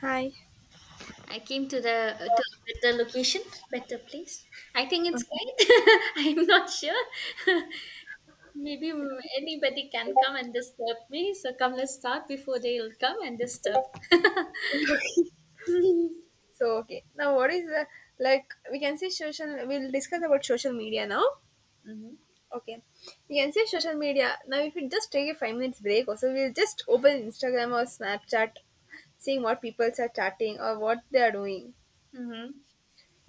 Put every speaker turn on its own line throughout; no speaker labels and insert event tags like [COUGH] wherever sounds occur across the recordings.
Hi.
I came to a better location, better place. I think it's
Um,
quiet. [LAUGHS] I'm not sure. [LAUGHS] Maybe anybody can come and disturb me. So come, let's start before they'll come and disturb. [LAUGHS] Mm-hmm.
So okay, now what is the, like we can say social? We'll discuss about social media now. Okay, we can say social media now. If we just take a 5 minutes break, also we'll just open Instagram or Snapchat, seeing what people are chatting or what they are doing.
Mm-hmm.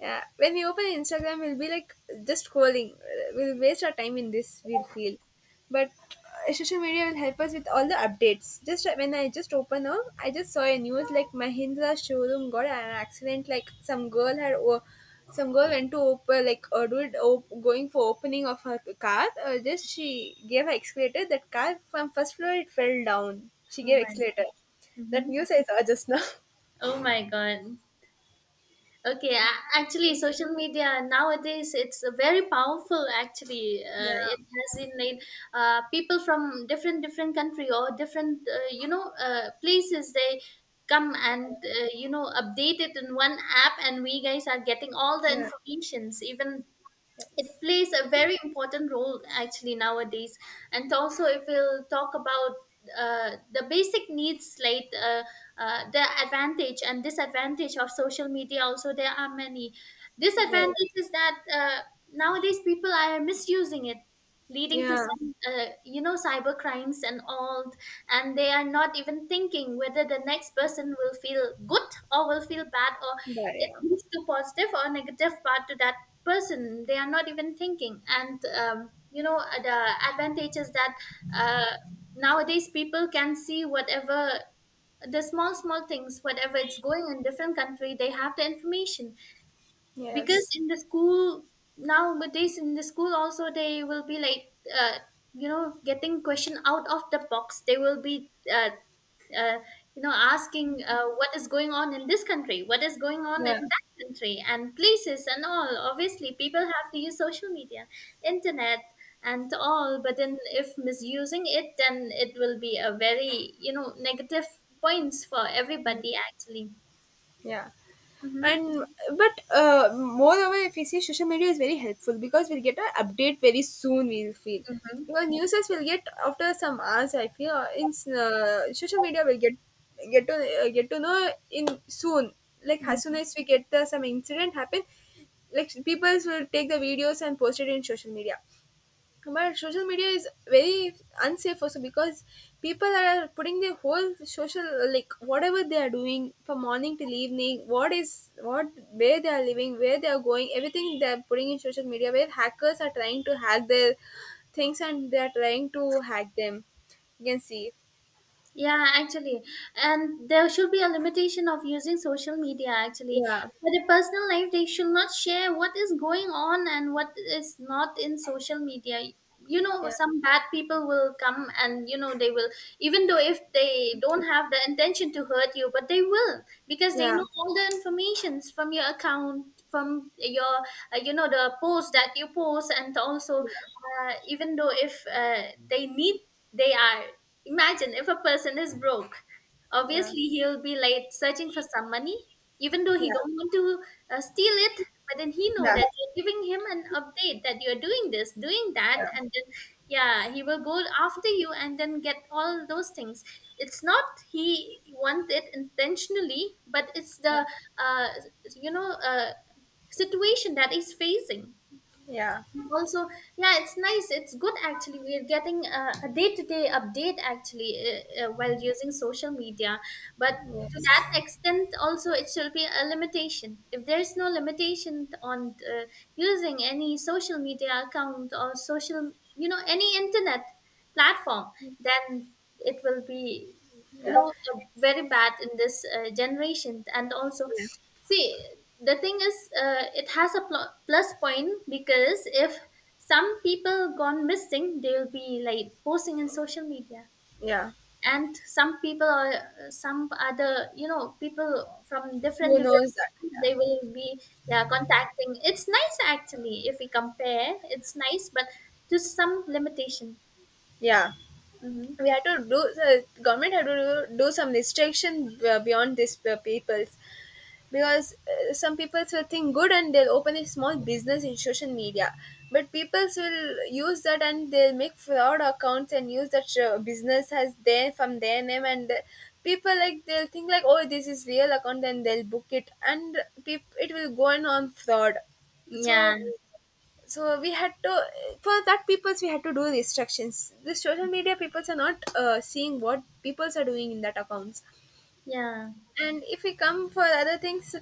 Yeah, when we open Instagram, we'll be like just scrolling. We'll waste our time in this. We'll feel, but Social media will help us with all the updates. Just when I just open up, I just saw a news like Mahindra showroom got an accident. Some girl went to open like or going for opening of her car. Just she gave her accelerator. That car from first floor it fell down. She
Oh
gave
my.
accelerator. That
Mm-hmm.
news I saw just now. [LAUGHS]
Oh my God. Okay, actually, social media nowadays it's a very powerful. Actually, it
Yeah.
has in it, people from different different country or different places, they come and update it in one app, and we guys are getting all the
Yeah.
informations, even
Yes.
it plays a very important role actually nowadays. And also if we'll talk about the basic needs, like the advantage and disadvantage of social media, also there are many.
Yeah.
Disadvantage is that nowadays people are misusing it, leading to
Yeah.
some cyber crimes and all, and they are not even thinking whether the next person will feel good or will feel bad, or
Yeah,
it
yeah.
leads to positive or negative part to that person. They are not even thinking. And the advantage is that uh, nowadays people can see whatever the small small things, whatever it's going in different country, they have the information, because
Yes.
in the school nowadays, in the school also they will be like, uh, getting question out of the box. They will be uh, asking, what is going on in this country, what is going on in
Yeah.
that country, and places and all. Obviously, people have to use social media, internet and all, but then if misusing it, then it will be a very negative points for everybody actually.
Yeah.
Mm-hmm.
And but Moreover, if we see social media is very helpful because we'll get an update very soon. We'll feel
Mm-hmm.
because newses will get after some hours. I feel or in social media will get to get to know in soon. Like as soon
Mm-hmm.
as we get the some incident happen, like people will take the videos and post it in social media. But social media is very unsafe also because people are putting their whole social like whatever they are doing from morning till evening, what is what, where they are living, where they are going, everything they are putting in social media, where hackers are trying to hack their things and they are trying to hack them, you can see.
Yeah, actually, and there should be a limitation of using social media actually.
Yeah,
For the personal life, they should not share what is going on and what is not in social media.
yeah,
Some bad people will come and they will, even though if they don't have the intention to hurt you, but they will, because they
yeah,
know all the informations from your account, from your the post that you post, and also
yeah,
even though if they need, they are. Imagine if a person is broke.
yeah,
Obviously, he'll be like searching for some money, even though
yeah,
he don't want to steal it. But then he know
yeah,
that you're giving him an update that you're doing this, doing that,
yeah,
and then yeah, he will go after you and then get all those things. It's not he want it intentionally, but it's the uh, you know uh, situation that he's facing
yeah,
also. Yeah, it's nice, it's good actually. We're getting a day-to-day update actually while using social media, but to
yes,
that extent also it should be a limitation. If there is no limitation on using any social media account or social any internet platform, then it will be
yeah,
very bad in this generation. And also,
yeah,
see, the thing is, it has a plus point, because if some people gone missing, they'll be like posting in social media,
yeah,
and some people or some other, people from different
who
different,
knows that, yeah,
they will be, yeah, contacting. It's nice actually if we compare. It's nice, but to some limitation.
yeah,
Hmm.
we had to do the government had to do some restriction beyond these peoples, because some people will think good and they'll open a small business in social media, but peoples will use that and they'll make fraud accounts and use that business as their from their name, and people like they'll think like, oh, this is real account and they'll book it and it will go on fraud.
Yeah,
So so we had to, for that peoples we had to do restrictions. The social media peoples are not seeing what peoples are doing in that accounts.
yeah.
And if we come for other things,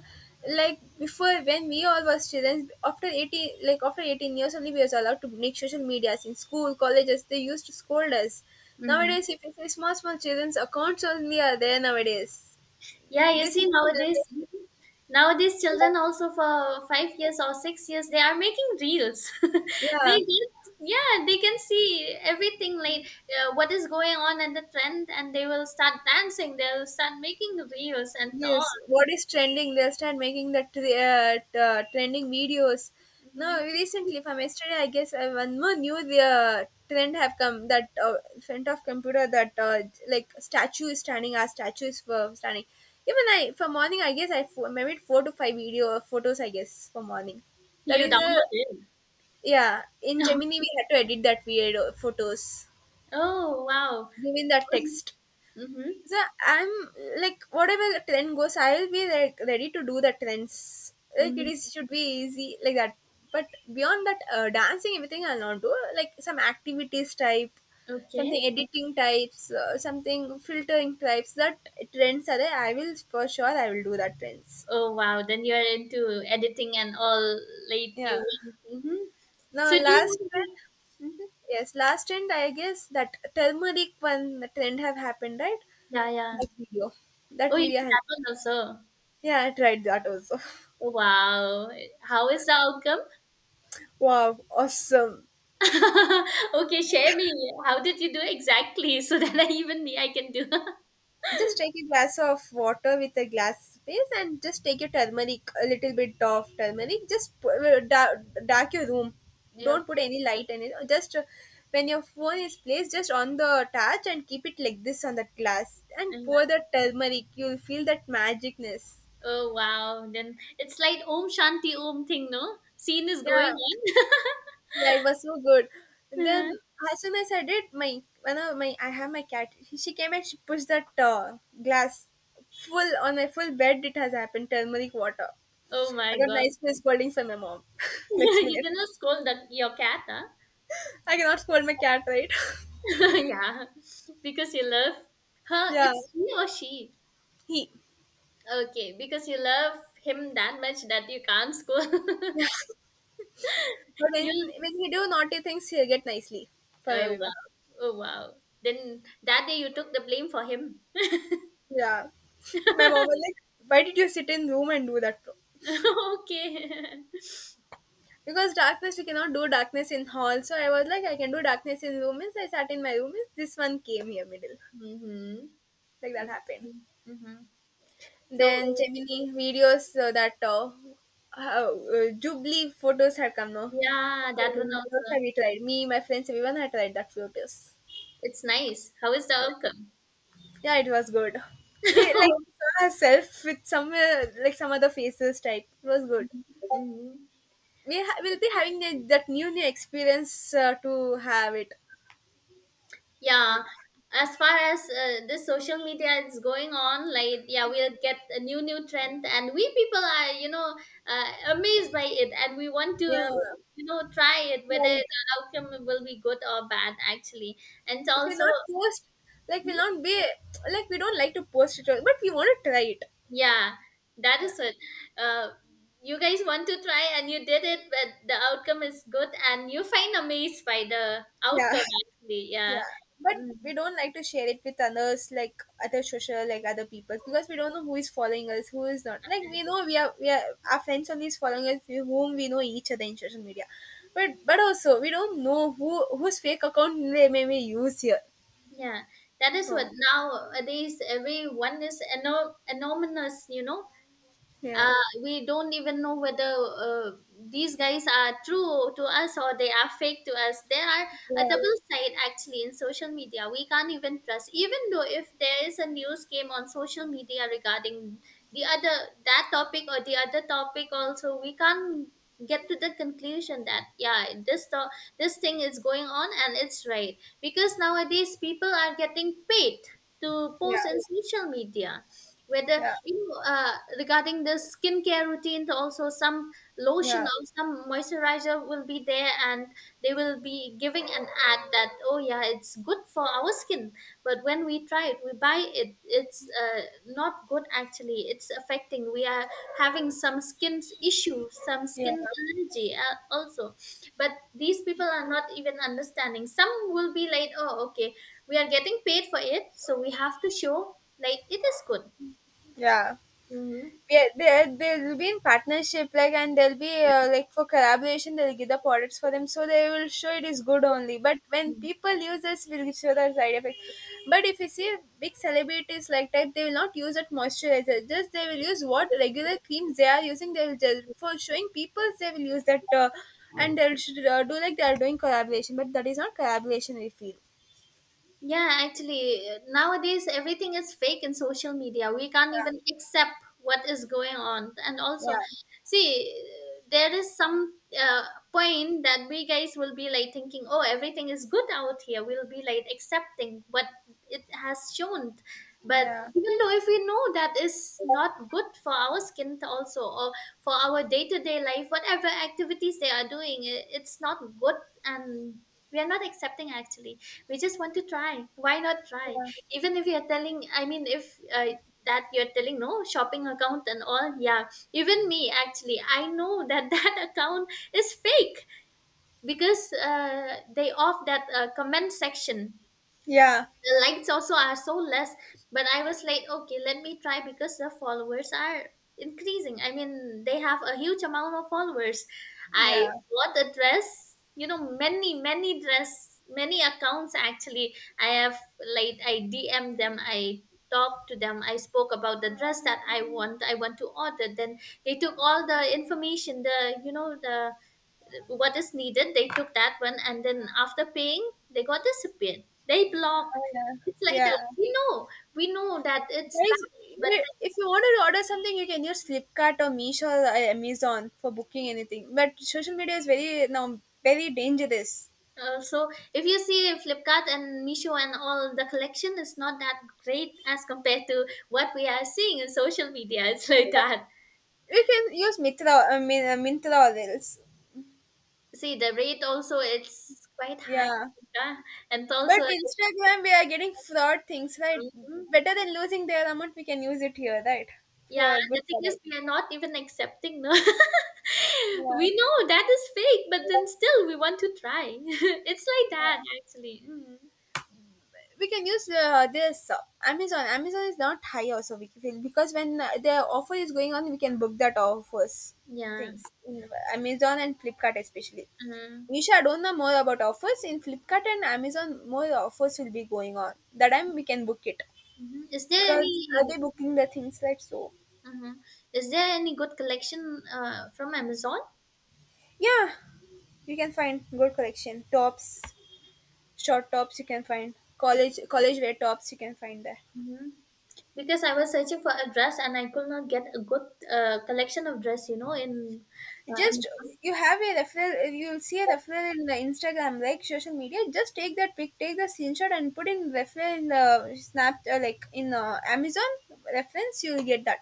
like before when we all was children after 18, like after 18 years only we was allowed to make social medias. In school colleges they used to scold us.
Hmm.
Nowadays if you see, small small children's accounts only are there nowadays.
Yeah, you
This
see
is the
nowadays,
generation.
nowadays children also for 5 years or 6 years they are making reels. [LAUGHS] They
Yeah.
can, yeah, they can see everything, like, what is going on and the trend, and they will start dancing. They'll start making reels and all.
Yes, what is trending? They'll start making that trending videos. Now,
hmm
recently, from yesterday, I guess one more new trend have come that front of computer that like statue is standing, our statues were standing. Even I for morning, I guess I maybe 4 to 5 video photos, I guess for morning. That
You
is a
download it.
yeah. In
[LAUGHS]
Gemini, we had to edit that video photos,
Oh wow.
given that text.
Mm-hmm.
So I'm like whatever trend goes, I'll be like ready to do the trends. Like it
Mm-hmm.
is should be easy like that. But beyond that, dancing everything I'll not do. Like some activities type,
Okay.
something editing types, something filtering types. That trends are there, I will for sure. I will do that trends.
Oh wow. Then you are into editing and all. Like
Yeah.
you. Mm-hmm. So
Now
do
last trend,
you? Hmm.
yes, last trend I guess that turmeric one, the trend have happened right.
Yeah, yeah.
That video,
Oh,
that
it
video. have-
happened also.
Yeah, I tried that also. [LAUGHS]
Oh, wow. How is the outcome?
Wow, awesome.
[LAUGHS] Okay, share me. How did you do exactly, [LAUGHS] so that I, even me, I can do. [LAUGHS]
Just take a glass of water with a glass base and just take your turmeric, a little bit of turmeric. Dark your room.
Yeah,
Don't put
okay.
any light in it. Just When your phone is placed, just on the touch and keep it like this on that glass and pour
Uh-huh.
the turmeric. You'll feel that magicness.
Oh, wow. Then it's like Om Shanti Om thing, no? Scene is
Yeah,
going on. [LAUGHS]
yeah, it was so good. And
Uh,
then as soon as I did, my one of my I have my cat. She came and she pushed that glass full on my full bed. It has happened turmeric water.
Oh
I
my
got
God.
nice face scolding from my mom. [LAUGHS] Next
[LAUGHS] You
minute,
gonna scold your cat, huh?
I cannot scold my cat, right?
[LAUGHS] Yeah, because you love
[LAUGHS]
her.
Yeah,
It's he or she.
he.
Okay, because you love him that much that you can't scold. [LAUGHS]
Yeah. But when
You
when he do naughty things, he'll get nicely from
Oh
everyone.
wow. Oh wow. Then that day you took the blame for him.
Yeah, my mom was
[LAUGHS]
like, "Why did you sit in room and do that?"
Okay.
Because darkness, you cannot do darkness in hall. So I was like, I can do darkness in room. Means I sat in my room. Means this one came here middle.
[LAUGHS] Mm-hmm.
Like that happened.
Mm-hmm.
Then
So
Gemini videos that Jubilee photos had come now.
yeah, that one
Those
also.
have we tried. Me, my friends, everyone had tried that photos.
It's nice. How is the
Yeah,
outcome?
yeah, it was good. We like saw herself with some some other faces type. It was good.
[LAUGHS] Mhm.
Will be having that new new experience to have it.
Yeah,
Like,
as far as this social media is going on, like, yeah, we'll get a new new trend, and we people are amazed by it, and we want to
yeah,
try it, whether
like,
the outcome will be good or bad actually. And
if we
also,
not post, like, we'll not be, like, we don't like to post it, but we want to try it.
yeah, that
Yeah.
is it. Uh, you guys want to try and you did it, but the outcome is good, and you find amazed by the
Yeah.
outcome
[LAUGHS]
actually. Yeah.
Yeah. But
Mm.
we don't like to share it with others, like other social, like other people, because we don't know who is following us, who is not. Like we know we are Our friends only is following us, with whom we know each other in social media, but also we don't know who whose fake account they may use here.
Yeah, that is what.
So
Nowadays everyone is anonymous,
yeah,
we don't even know whether these guys are true to us or they are fake to us. There are a
yeah,
double side actually in social media. We can't even trust, even though if there is a news came on social media regarding the other that topic or the other topic also. We can't get to the conclusion that yeah, this thing is going on and it's right, because nowadays people are getting paid to post
yeah,
in social media, whether,
yeah,
regarding the skincare routine, also some lotion
yeah,
or some moisturizer will be there, and they will be giving an ad that oh yeah, it's good for our skin. But when we try it, we buy it, it's not good actually. It's affecting. We are having some skin issues, some
yeah,
skin allergy also. But these people are not even understanding. Some will be like, oh okay, we are getting paid for it, so we have to show like it is good.
yeah.
Mhm.
Yeah, there they'll be in partnership like, and they'll be like for collaboration they'll give the products for them, so they will show it is good only. But when people users will show the side effect, but if you see big celebrities like that, they will not use that moisturizer. Just they will use what regular creams they are using, they will just for showing people they will use that and they'll should, do like they are doing collaboration, but that is not collaboration we feel.
Yeah, actually, nowadays everything is fake in social media. We can't even accept what is going on. And
Yeah,
also,
yeah,
see, there is some uh, point that we guys will be like thinking, oh, everything is good out here. We'll be like accepting what it has shown.
yeah,
But
yeah,
even though if we know that is not good for our skin also or for our day-to-day life, whatever activities they are doing, it's not good, and we are not accepting actually. We just want to try. Why not try? Even if you're telling, I mean, if that you're telling no shopping account and all, yeah. Even me actually, I know that [LAUGHS] that account is fake, because they off that comment section.
yeah,
The likes also are so less, but I was like, okay, let me try, because the followers are increasing. I mean, they have a huge amount of followers. I
yeah,
bought a dress, many many dress, many accounts actually I have. Like, I DM them, I talked to them, I spoke about the dress that I want to order. Then they took all the information, the you know the what is needed, they took that one, and then after paying they got disappeared. They block.
oh, yeah,
It's like that,
yeah.
we know that it's
Guys,
bad, but
if you want to order something, you can use Flipkart or Meesho or Amazon for booking anything. But social media is very now very dangerous.
so if you see Flipkart and Misho and all, the collection is not that great as compared to what we are seeing in social media. It's like that.
We can use Mitra, I mean Mintra or else.
See, the rate also, it's quite high.
Yeah,
Yeah. And also.
but Instagram we are getting fraud things, right?
Mhm.
Better than losing their amount, we can use it here, right?
Yeah,
For
the
good
thing is,
product.
we are not even accepting. No, [LAUGHS]
Yeah,
we know that is fake, but then still we want to try. [LAUGHS] It's like that,
yeah,
actually. Mm.
we can use this Amazon. Amazon is not high also we feel, because when the offer is going on, we can book that offers
Yeah.
things in Amazon and Flipkart especially.
Uh,
Nisha, I don't know more about offers in Flipkart and Amazon. More offers will be going on. That time we can book it,
mhm. Is there
because I'll be
any?
booking the things right? So
Mhm. Is there any good collection from Amazon?
yeah, you can find good collection tops, short tops. You can find college college wear tops. You can find there.
Hmm. Because I was searching for a dress and I could not get a good collection of dress. You know, in uh,
Just
Am-
you have a referral, you'll see a referral in the Instagram like social media, just take that pic, take the screenshot and put in referral in the snap like in Amazon reference, you'll get that.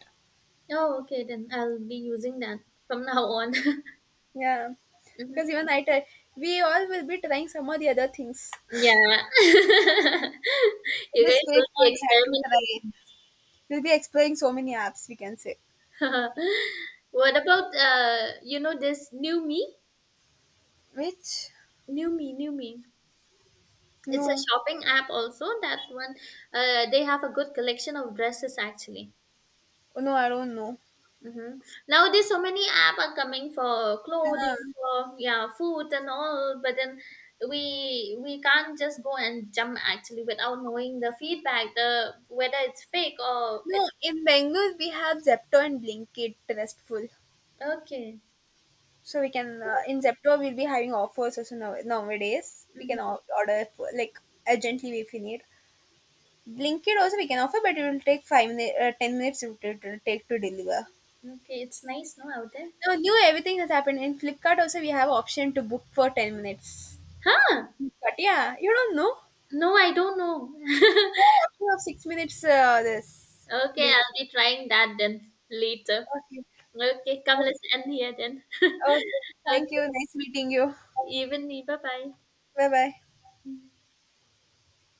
oh, okay, then I'll be using that from now on. [LAUGHS]
Yeah,
Mhm.
because even I tell, we all will be trying some of the other things. [LAUGHS]
Yeah. [LAUGHS] You
In this
guys will
phase
be
one we had to try,
experimenting.
we'll be exploring so many apps we can say.
[LAUGHS] What about this new me?
Which?
New me, new me. It's a
No.
shopping app also. That one, they have a good collection of dresses actually.
No, I don't know.
Mm-hmm. Nowadays so many app are coming for
Yeah.
clothing, for, yeah, food and all, but then we can't just go and jump actually without knowing the feedback, the whether it's fake or it's
No, in Bangalore we have Zepto and Blinkit restful.
okay.
So we can in Zepto we'll be having offers also now, nowadays.
Mm-hmm.
Order for, like, urgently if we need. Blinkit also we can offer, but it will take 5 minutes, 10 minutes it will take to deliver.
Okay, it's nice, no, out there?
Now new everything has happened in Flipkart also. We have option to book for 10 minutes.
Huh?
But yeah, you don't know.
No, I don't know.
Oh, option of 6 minutes. This
[LAUGHS] Okay,
delivery.
I'll be trying that then later.
Okay.
Okay, come, let's
Okay.
end here then. [LAUGHS]
Okay. Thank you.
Okay,
Nice meeting you.
even me. Bye
Bye bye.
bye.